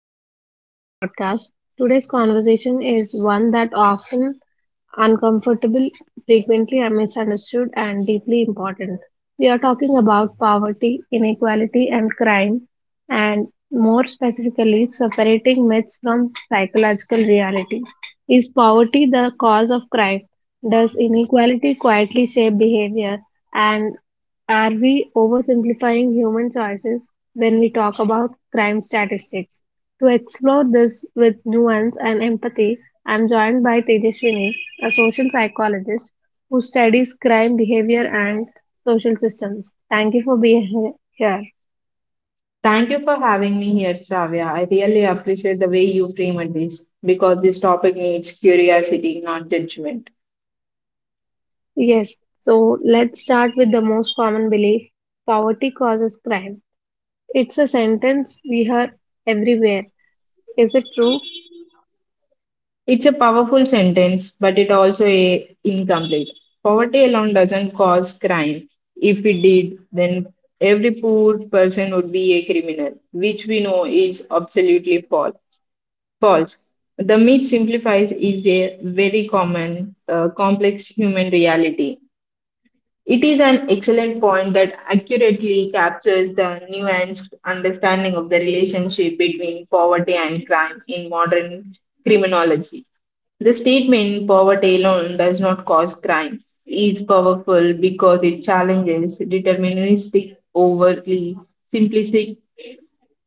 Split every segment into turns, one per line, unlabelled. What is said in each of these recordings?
Welcome back to the podcast. Today's conversation is one that often uncomfortable, frequently misunderstood, and deeply important. We are talking about poverty, inequality, and crime, and more specifically, separating myths from psychological reality. Is poverty the cause of crime? Does inequality quietly shape behavior? And are we oversimplifying human choices when we talk about crime statistics? To explore this with nuance and empathy, I'm joined by Tejaswini, a social psychologist who studies crime behavior and social systems. Thank you for being here.
Thank you for having me here, Shravya. I really appreciate the way you framed this because this topic needs curiosity, not judgment.
Yes, so let's start with the most common belief poverty causes crime. It's a sentence we hear everywhere. Is it true?
It's a powerful sentence, but it also a incomplete. Poverty alone doesn't cause crime. If it did, then every poor person would be a criminal, which we know is absolutely false. False. The myth simplifies is a very common, complex human reality. It is an excellent point that accurately captures the nuanced understanding of the relationship between poverty and crime in modern criminology. The statement poverty alone does not cause crime is powerful because it challenges deterministic, overly simplistic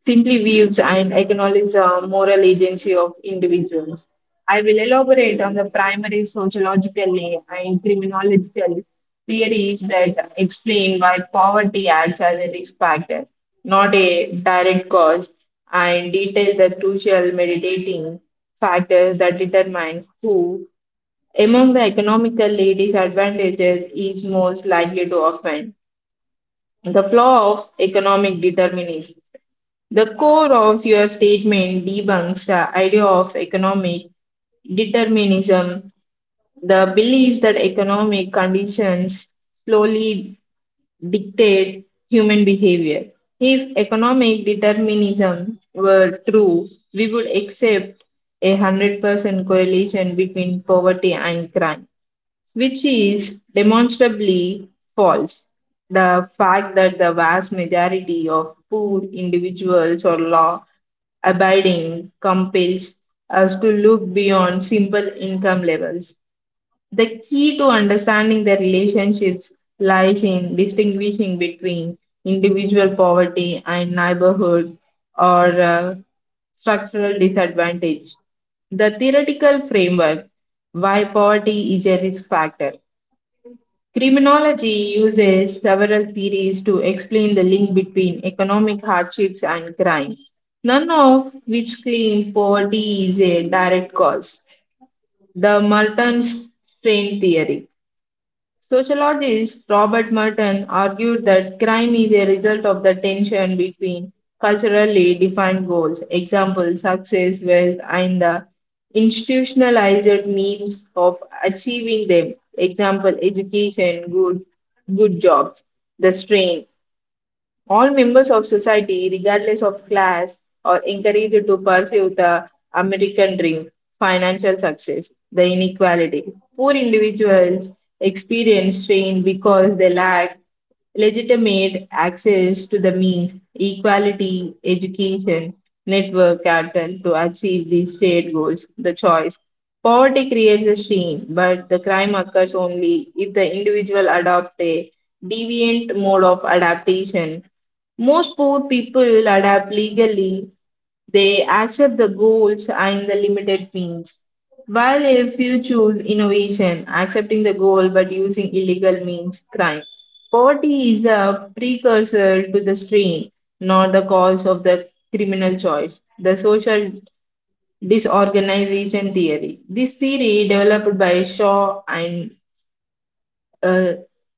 simply views and acknowledge the moral agency of individuals. I will elaborate on the primary sociological and criminological theories that explain why poverty acts as a risk factor, not a direct cause, and detail the crucial meditating factors that determine who among the economically disadvantaged is most likely to offend. The flaw of economic determinism. The core of your statement debunks the idea of economic determinism, the belief that economic conditions slowly dictate human behavior. If economic determinism were true, we would accept a 100% correlation between poverty and crime, which is demonstrably false. The fact that the vast majority of poor individuals or law abiding compels us to look beyond simple income levels. The key to understanding the relationships lies in distinguishing between individual poverty and neighborhood or structural disadvantage. The theoretical framework: why poverty is a risk factor. Criminology uses several theories to explain the link between economic hardships and crime, none of which claim poverty is a direct cause. The Merton strain theory. Sociologist Robert Merton argued that crime is a result of the tension between culturally defined goals, example, success, wealth, and the institutionalized means of achieving them, example, education, good jobs, the strain. All members of society, regardless of class, are encouraged to pursue the American dream, financial success, the inequality. Poor individuals experience strain because they lack legitimate access to the means, equality, education, network capital to achieve these shared goals, the choice. Poverty creates a strain, but the crime occurs only if the individual adopts a deviant mode of adaptation. Most poor people adapt legally, they accept the goals and the limited means. While if you choose innovation, accepting the goal but using illegal means, crime. Poverty is a precursor to the strain, not the cause of the criminal choice. The social disorganization theory. This theory, developed by Shaw and uh,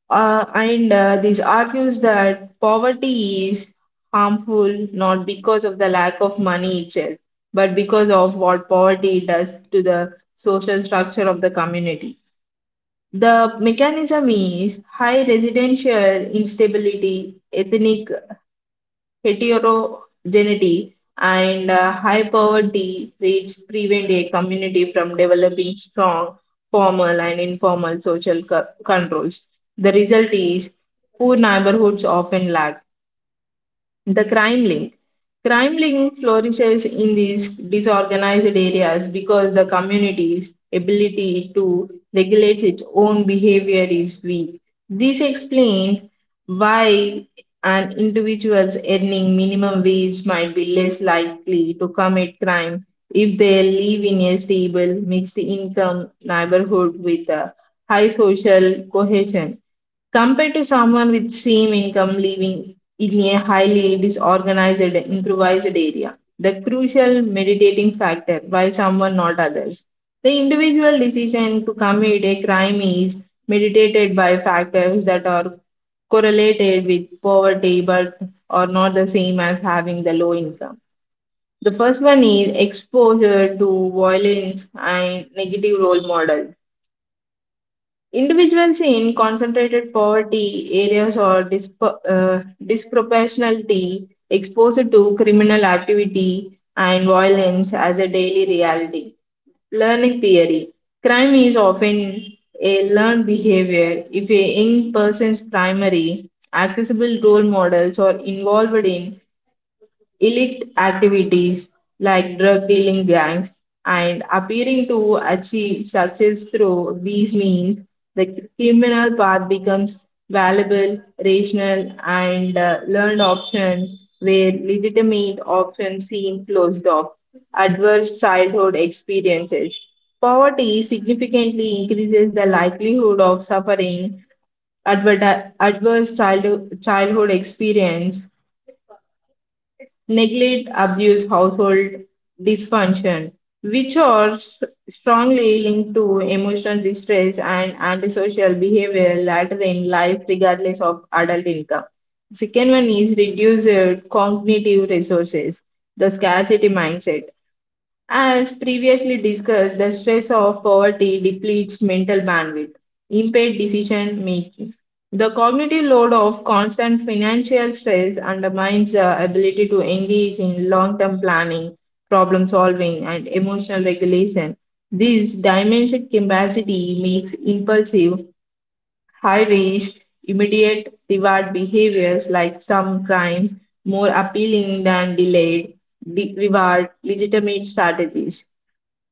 this argues that poverty is harmful not because of the lack of money itself, but because of what poverty does to the social structure of the community. The mechanism is high residential instability, ethnic heterogeneity, and high poverty rates prevent a community from developing strong formal and informal controls. The result is poor neighborhoods often lack the crime link. Crime link flourishes in these disorganized areas because the community's ability to regulate its own behavior is weak. This explains why an individual's earning minimum wage might be less likely to commit crime if they live in a stable, mixed income neighborhood with a high social cohesion, compared to someone with same income living in a highly disorganized improvised area. The crucial meditating factor, by someone not others. The individual decision to commit a crime is meditated by factors that are correlated with poverty but are not the same as having the low income. The first one is exposure to violence and negative role models. Individuals in concentrated poverty areas or disproportionality exposed to criminal activity and violence as a daily reality. Learning theory. Crime is often a learned behavior. If a young person's primary accessible role models are involved in illicit activities like drug dealing gangs and appearing to achieve success through these means, the criminal path becomes valuable, rational, and learned option where legitimate options seem closed off. Adverse childhood experiences. Poverty significantly increases the likelihood of suffering adverse childhood experience, neglect, abuse, household dysfunction, which are strongly linked to emotional distress and antisocial behavior later in life, regardless of adult income. Second one is reduced cognitive resources, the scarcity mindset. As previously discussed, the stress of poverty depletes mental bandwidth, impaired decision making. The cognitive load of constant financial stress undermines the ability to engage in long term planning, problem solving, and emotional regulation. This diminished capacity makes impulsive, high risk, immediate reward behaviors like some crimes more appealing than delayed reward legitimate strategies.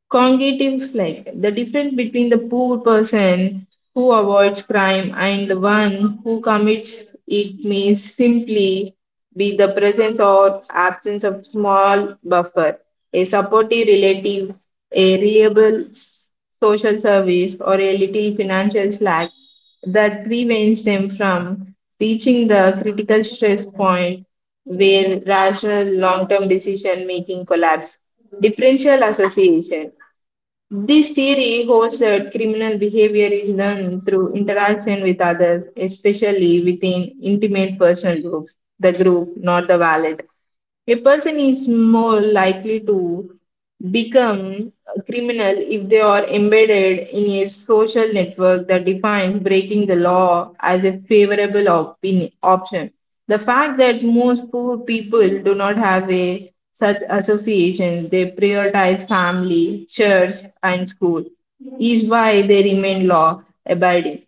Cognitives like the difference between the poor person who avoids crime and the one who commits it may simply be the presence or absence of small buffer, a supportive relative, a reliable social service, or a little financial slack that prevents them from reaching the critical stress point where rational long term decision making collapse. Differential association. This theory holds that criminal behavior is learned through interaction with others, especially within intimate personal groups, the group, not the wallet. A person is more likely to become a criminal if they are embedded in a social network that defines breaking the law as a favorable option. The fact that most poor people do not have a such associations, they prioritize family, church, and school, is why they remain law abiding.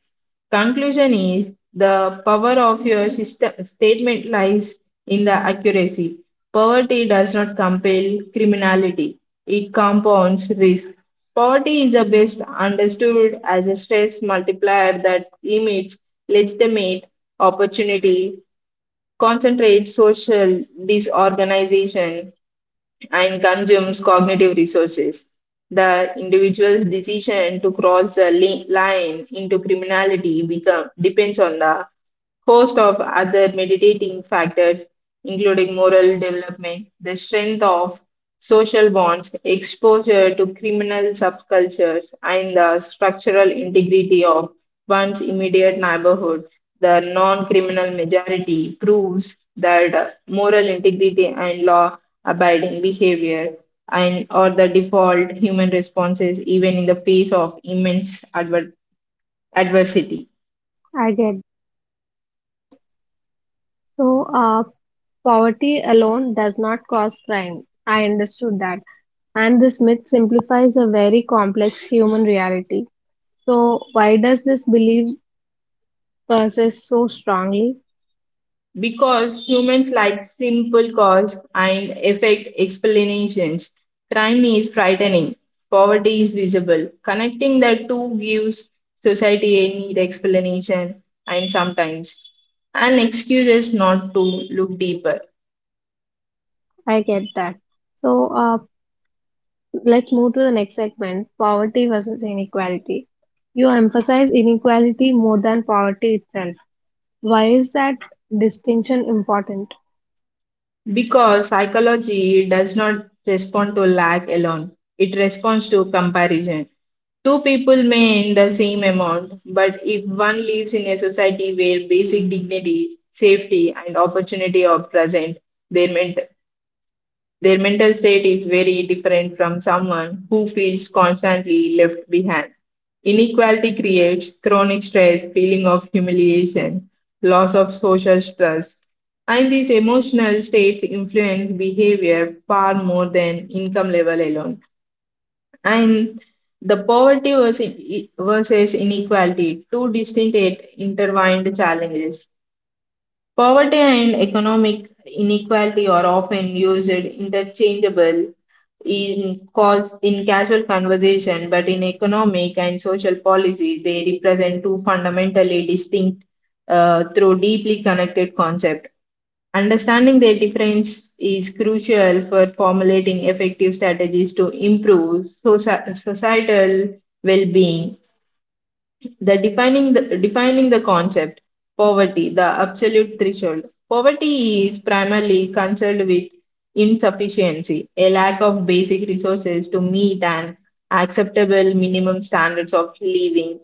Conclusion is the power of your system statement lies in the accuracy. Poverty does not compel criminality, it compounds risk. Poverty is the best understood as a stress multiplier that limits legitimate opportunity, concentrates social disorganization, and consumes cognitive resources. The individual's decision to cross the line into criminality become, depends on the host of other meditating factors, including moral development, the strength of social bonds, exposure to criminal subcultures, and the structural integrity of one's immediate neighborhood. The non criminal majority proves that moral integrity and law abiding behavior and or the default human responses even in the face of immense adversity.
I get it. So, so, poverty alone does not cause crime. I understood that. And this myth simplifies a very complex human reality. So, why does this belief persist so strongly?
Because humans like simple cause and effect explanations, crime is frightening, poverty is visible. Connecting the two gives society a need explanation and sometimes an excuse is not to look deeper.
I get that. So, let's move to the next segment poverty versus inequality. You emphasize inequality more than poverty itself. Why is that distinction important?
Because psychology does not respond to lack alone, it responds to comparison. Two people may earn the same amount, but if one lives in a society where basic dignity, safety, and opportunity are present, their, ment- their mental state is very different from someone who feels constantly left behind. Inequality creates chronic stress, feeling of humiliation, loss of social trust, and these emotional states influence behavior far more than income level alone. And the versus inequality, two distinct yet intertwined challenges. Poverty and economic inequality are often used interchangeable in casual conversation, but in economic and social policy, they represent two fundamentally distinct through deeply connected concepts. Understanding their difference is crucial for formulating effective strategies to improve societal well being. The defining the concept. Poverty, the absolute threshold. Poverty is primarily concerned with insufficiency, a lack of basic resources to meet an acceptable minimum standards of living.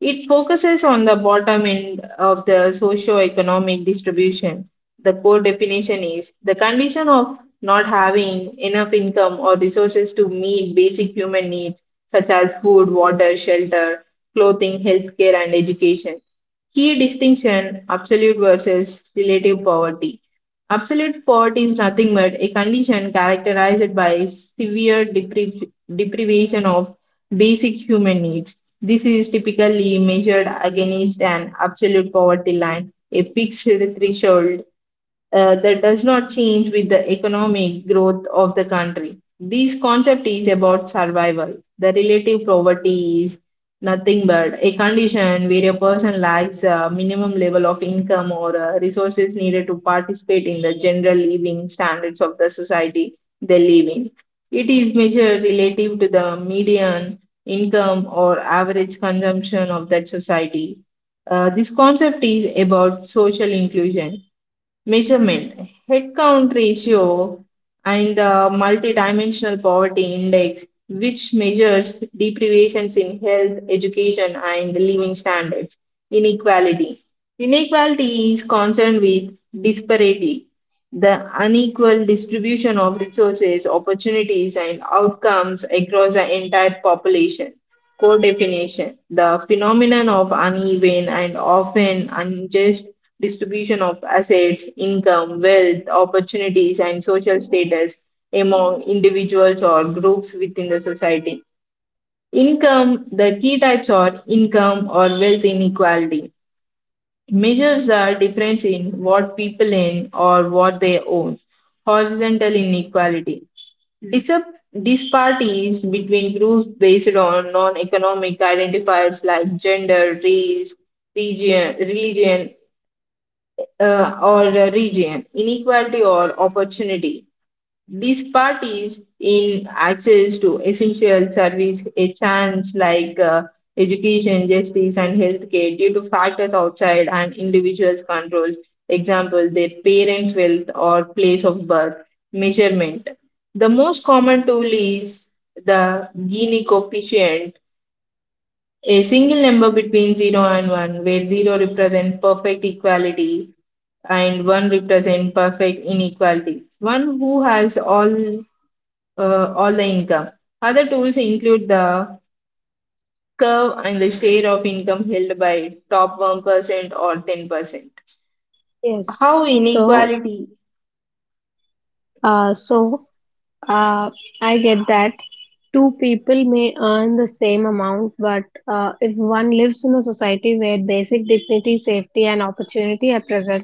It focuses on the bottom end of the socio-economic distribution. The core definition is the condition of not having enough income or resources to meet basic human needs such as food, water, shelter, clothing, healthcare, and education. Key distinction: absolute versus relative poverty. Absolute poverty is nothing but a condition characterized by severe deprivation of basic human needs. This is typically measured against an absolute poverty line, a fixed threshold that does not change with the economic growth of the country. This concept is about survival. The relative poverty is nothing but a condition where a person lacks a minimum level of income or resources needed to participate in the general living standards of the society they live in. It is measured relative to the median income or average consumption of that society. This concept is about social inclusion. Measurement: head count ratio and the multidimensional poverty index, which measures deprivations in health, education, and living standards. Inequality. Inequality is concerned with disparity, the unequal distribution of resources, opportunities, and outcomes across the entire population. Core definition: the phenomenon of uneven and often unjust distribution of assets, income, wealth, opportunities, and social status among individuals or groups within the society. Income, the key types are income or wealth inequality. Measures are difference in what people earn or what they own. Horizontal inequality. Disap- Disparities between groups based on non-economic identifiers like gender, race, region, religion, or a region, inequality or opportunity. These parties in access to essential service, a chance like education, justice, and healthcare due to factors outside and individuals' controls. Example: their parents' wealth or place of birth. Measurement: the most common tool is the Gini coefficient, a single number between 0 and 1, where 0 represents perfect equality and 1 represents perfect inequality. One who has all the income. Other tools include the curve and the share of income held by top 1% or 10%.
Yes.
How
So,
inequality
uh, so Uh, I get that. Two people may earn the same amount, but if one lives in a society where basic dignity, safety, and opportunity are present,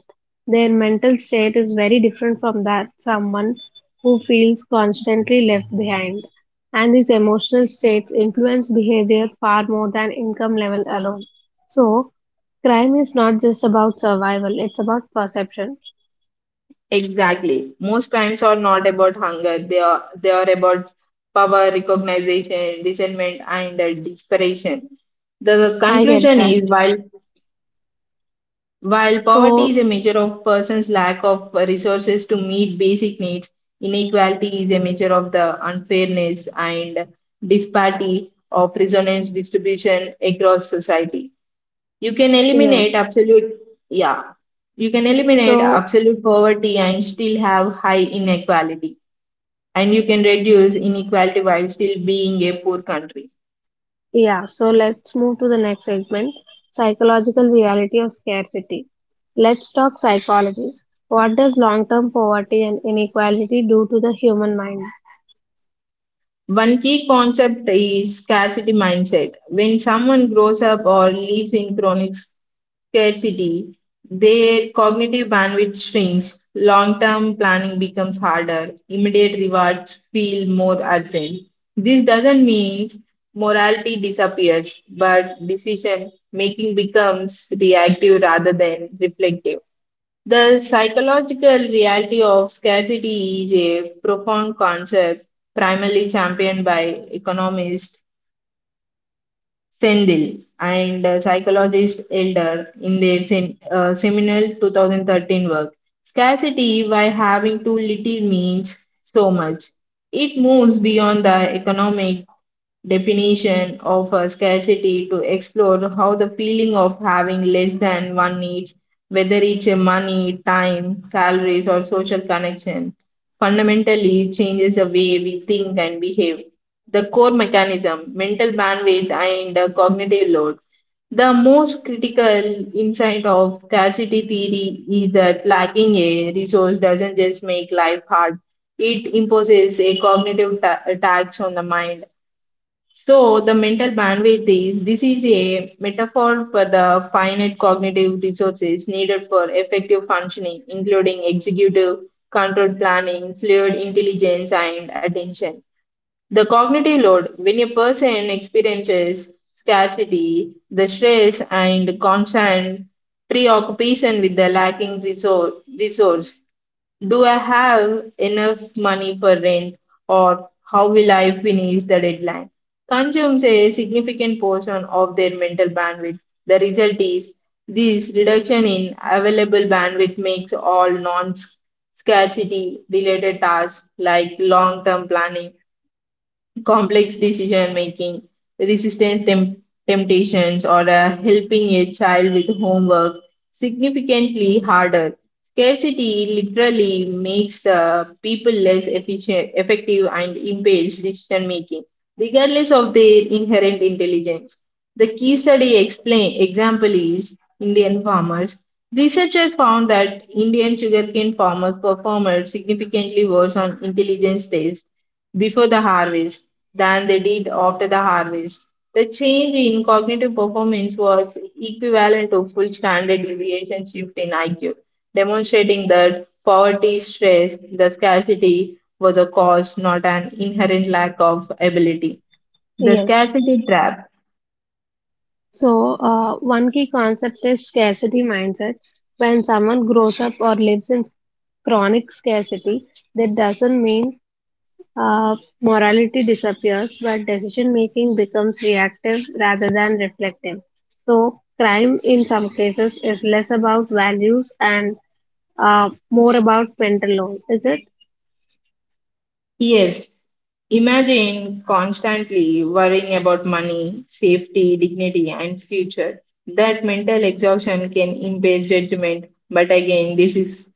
their mental state is very different from that someone who feels constantly left behind. And these emotional states influence behavior far more than income level alone. So, crime is not just about survival, it's about perception.
exactly. Most crimes are not about hunger. They are about power, recognition, resentment, and desperation. The
I get
conclusion
that.
is while poverty
So,
is a measure of person's lack of resources to meet basic needs, inequality is a measure of the unfairness and disparity of resonance distribution across society. You can eliminate
yes.
absolute, yeah, you can eliminate
So,
absolute poverty and still have high inequality, and you can reduce inequality while still being a poor country.
Yeah, so let's move to the next segment psychological reality of scarcity. Let's talk psychology. What does long term poverty and inequality do to the human mind?
One key concept is scarcity mindset when someone grows up or lives in chronic scarcity, their cognitive bandwidth shrinks, long term planning becomes harder, immediate rewards feel more urgent. This doesn't mean morality disappears, but decision making becomes reactive rather than reflective. The psychological reality of scarcity is a profound concept primarily championed by economists Sendil and psychologist Elder in their seminal 2013 work. Scarcity, by having too little, means so much. It moves beyond the economic definition of scarcity to explore how the feeling of having less than one needs, whether it's money, time, salaries, or social connection, fundamentally changes the way we think and behave. The core mechanism, mental bandwidth, and cognitive load. The most critical insight of scarcity theory is that lacking a resource doesn't just make life hard, it imposes a tax on the mind. So the mental bandwidth is this is a metaphor for the finite cognitive resources needed for effective functioning, including executive, controlled planning, fluid intelligence, and attention. The cognitive load, when a person experiences scarcity, the stress, and constant preoccupation with the resource, do I have enough money for rent or how will I finish the deadline? Consumes a significant portion of their mental bandwidth. The result is this reduction in available bandwidth makes all non scarcity related tasks like long term planning, complex decision making, resistant temp- temptations, or helping a child with homework significantly harder. Scarcity literally makes people less efficient, effective, and impairs decision making, regardless of their inherent intelligence. The key study explain, example is Indian farmers. Researchers found that Indian sugarcane farmers performed significantly worse on intelligence tests before the harvest than they did after the harvest. The change in cognitive performance was equivalent to full standard deviation shift in IQ, demonstrating that poverty, stress, the scarcity was a cause, not an inherent lack of ability. The
Yes.
scarcity trap,
So, one key concept is scarcity mindset. When someone grows up or lives in chronic scarcity, that doesn't mean morality disappears, but decision making becomes reactive rather than reflective. So, crime in some cases is less about values and more about mental load. Is it?
yes. Imagine constantly worrying about money, safety, dignity, and future. That mental exhaustion can impair judgment, but again, this is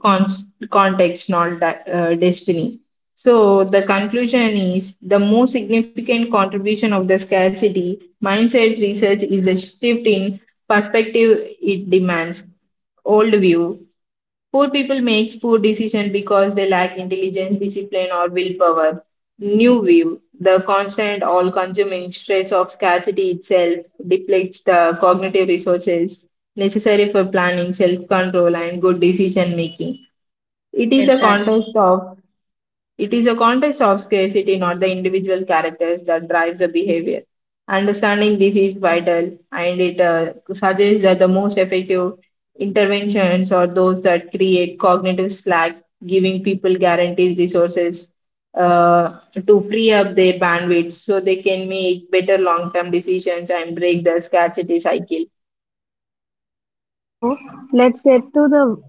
con- context, not destiny. So the conclusion is the most significant contribution of the scarcity mindset research is the shift in perspective it demands. Old view: poor people makes poor decisions because they lack intelligence, discipline, or willpower. New view. The constant, all consuming stress of scarcity itself depletes the cognitive resources necessary for planning, self control, and good decision making.
I
It is
get
a
that.
contest of it is a context of scarcity, not the individual characters, that drives the behavior. Understanding this is vital, and it suggests that the most effective interventions are those that create cognitive slack, giving people guarantees resources uh, to free up their bandwidth so they can make better long term decisions and break the scarcity cycle.
So, let's get to the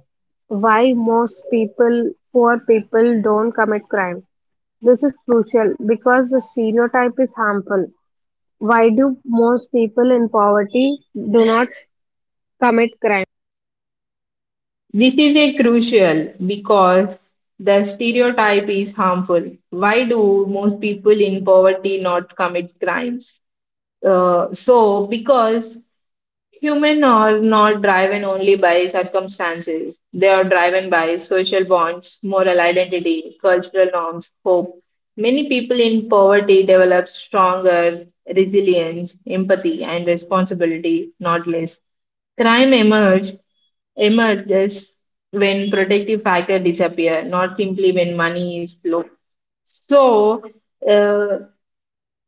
why most people, poor people, don't commit crime. This is crucial because the stereotype is harmful. Why do most people in poverty do not commit crime?
This is a crucial because the stereotype is harmful. Why do most people in poverty not commit crimes? Because humans are not driven only by circumstances. They are driven by social bonds, moral identity, cultural norms, hope. Many people in poverty develop stronger resilience, empathy, and responsibility, not less. Crime emerge, emerges when protective factor disappear, not simply when money is low. So, uh,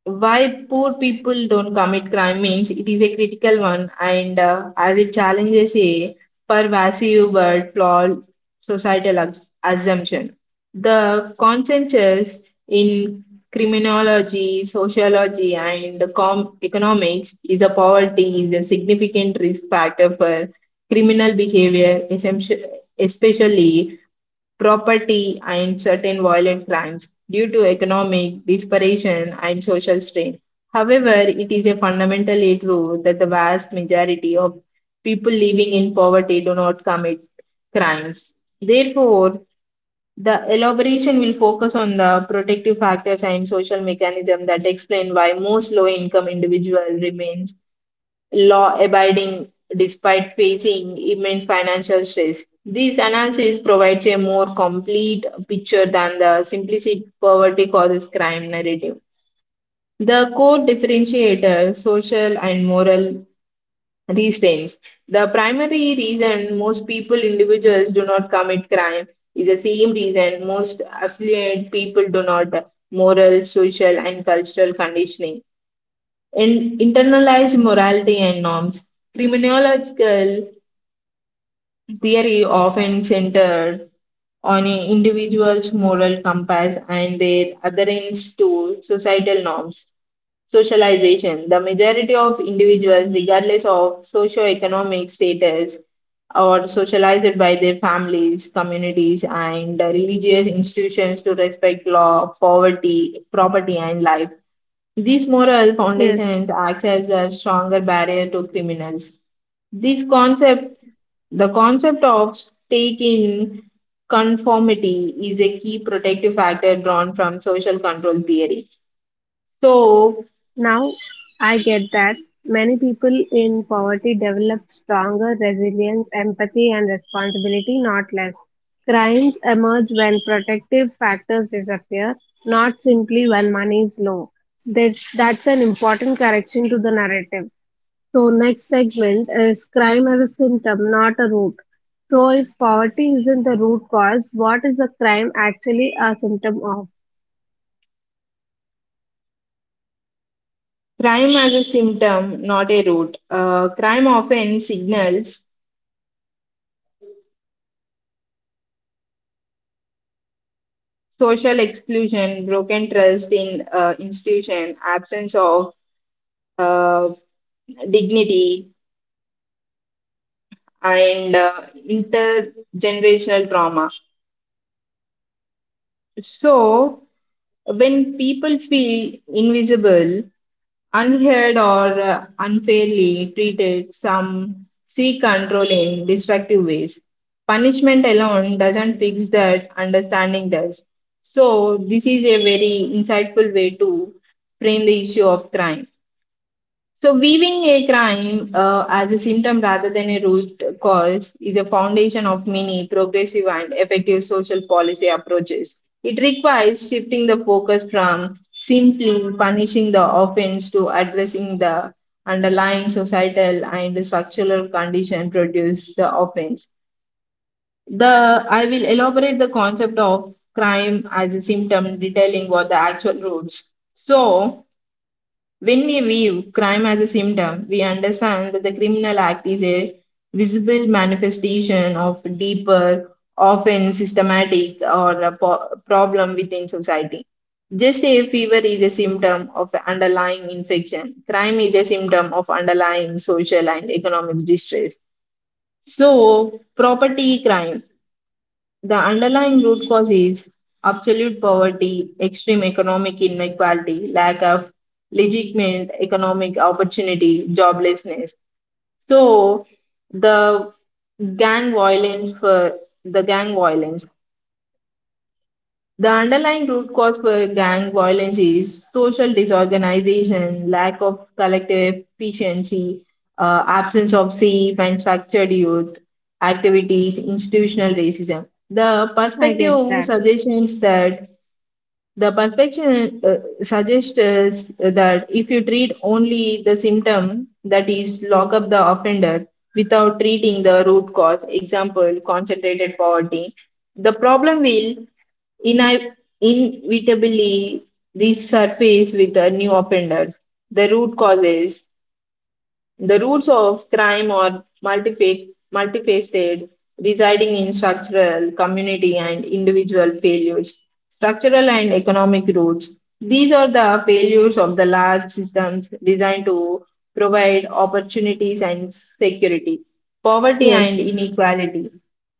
why poor people don't commit crime means it is a critical one and as it challenges a pervasive but flawed societal assumption. The consensus in criminology, sociology, and economics is that poverty is a significant risk factor for criminal behavior, especially property, and certain violent crimes due to economic desperation and social strain. However, it is a fundamentally true that the vast majority of people living in poverty do not commit crimes. Therefore, the elaboration will focus on the protective factors and social mechanisms that explain why most low income individuals remain law abiding despite facing immense financial stress. This analysis provides a more complete picture than the simplistic poverty causes crime narrative. The core differentiator, social and moral restraints. The primary reason most people, individuals, do not commit crime is the same reason most affluent people do not: moral, social, and cultural conditioning in internalized morality and norms. Criminological theory often centered on an individual's moral compass and their adherence to societal norms. Socialization. The majority of individuals, regardless of socioeconomic status, are socialized by their families, communities, and religious institutions to respect law, poverty, property, and life. These moral
Yes.
foundations acts as a stronger barrier to criminals. This concept, the concept of stake in conformity is a key protective factor drawn from social control theory. So,
Now I get that many people in poverty develop stronger resilience, empathy, and responsibility, not less. Crimes emerge when protective factors disappear, not simply when money is low. This, that's an important correction to the narrative. So, next segment is crime as a symptom, not a root. So, if poverty isn't the root cause, what is the crime actually a symptom of?
crime as a symptom, not a root. Crime often signals social exclusion, broken trust in institution, absence of uh, dignity, and intergenerational trauma. So, when people feel invisible, unheard, or unfairly treated, some seek control in destructive ways. Punishment alone doesn't fix that, understanding does. So, this is a very insightful way to frame the issue of crime. So, weaving a crime as a symptom rather than a root cause is a foundation of many progressive and effective social policy approaches. It requires shifting the focus from simply punishing the offense to addressing the underlying societal and structural condition produce the offense. The I will elaborate the concept of crime as a symptom, detailing what the actual roots. So, when we view crime as a symptom, we understand that the criminal act is a visible manifestation of deeper, often systematic or a problem within society. Just a fever is a symptom of an underlying infection. Crime is a symptom of underlying social and economic distress. So, property crime, the underlying root cause is absolute poverty, extreme economic inequality, lack of legitimate economic opportunity, joblessness. So the gang violence for the gang violence, the underlying root cause for gang violence is social disorganization, lack of collective efficiency, absence of safe and structured youth activities, institutional racism. The
I get
perspective
that.
suggests that the perfection suggests us that if you treat only the symptom, that is, lock up the offender without treating the root cause, example, concentrated poverty, the problem will ini- inevitably resurface with the new offenders. The root causes the roots of crime are multifaceted, residing in structural, community, and individual failures. Structural and economic roots. These are the failures of the large systems designed to provide opportunities and security. Poverty
Yes.
and inequality.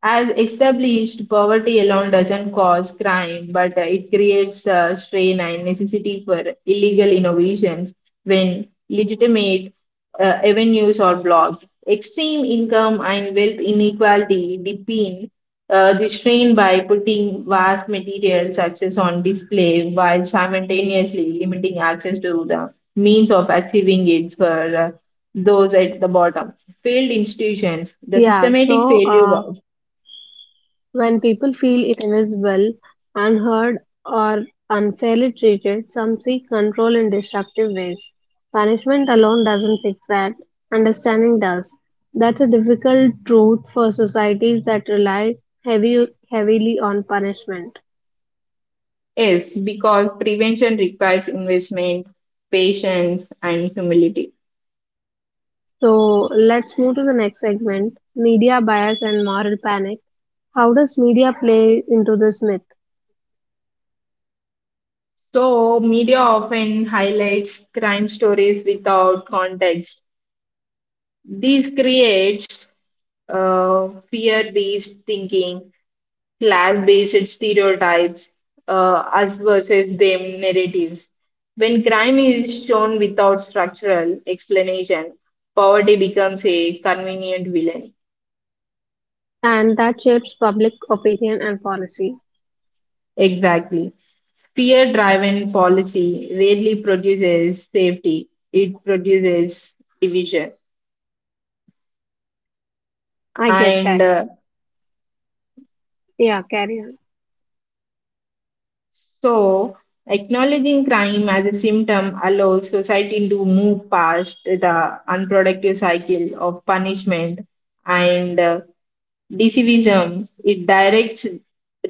As established, poverty alone doesn't cause crime, but it creates strain and necessity for illegal innovations when legitimate avenues are blocked. Extreme income and wealth inequality deepen the strain by putting vast material success on display while simultaneously limiting access to the means of achieving it for those at the bottom. Failed institutions, the
Yeah.
systematic
So,
failure.
when people feel invisible, unheard, or unfairly treated, some seek control in destructive ways. Punishment alone doesn't fix that, understanding does. That's a difficult truth for societies that rely heavily on punishment.
Yes, because prevention requires investment, patience, and humility.
So let's move to the next segment media bias and moral panic. How does media play into this myth?
So, media often highlights crime stories without context. This creates fear-based thinking, class-based stereotypes, us versus them narratives. When crime is shown without structural explanation, poverty becomes a convenient villain.
And that shapes public opinion and policy.
Exactly. Peer driven policy rarely produces safety, it produces division.
I get that.
And
Yeah, carry on.
So, acknowledging crime as a symptom allows society to move past the unproductive cycle of punishment and decivism. It directs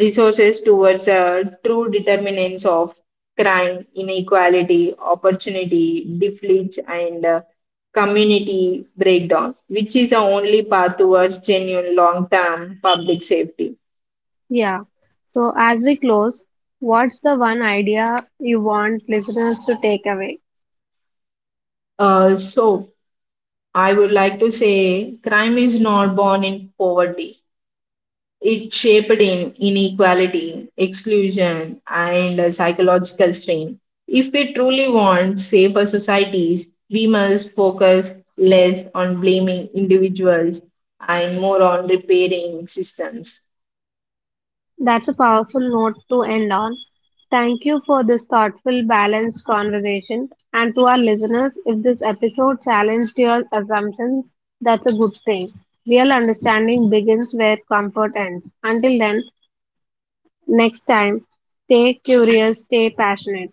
resources towards true determinants of crime, inequality, opportunity, deflage, and community breakdown, which is the only path towards genuine long term public safety.
Yeah. So as we close, what's the one idea you want listeners to take away?
Uh, so, I would like to say crime is not born in poverty. It's shaped in inequality, exclusion, and psychological strain. If we truly want safer societies, we must focus less on blaming individuals and more on repairing systems.
That's a powerful note to end on. Thank you for this thoughtful, balanced conversation. And to our listeners, if this episode challenged your assumptions, that's a good thing. Real understanding begins where comfort ends. Until then, next time, stay curious, stay passionate.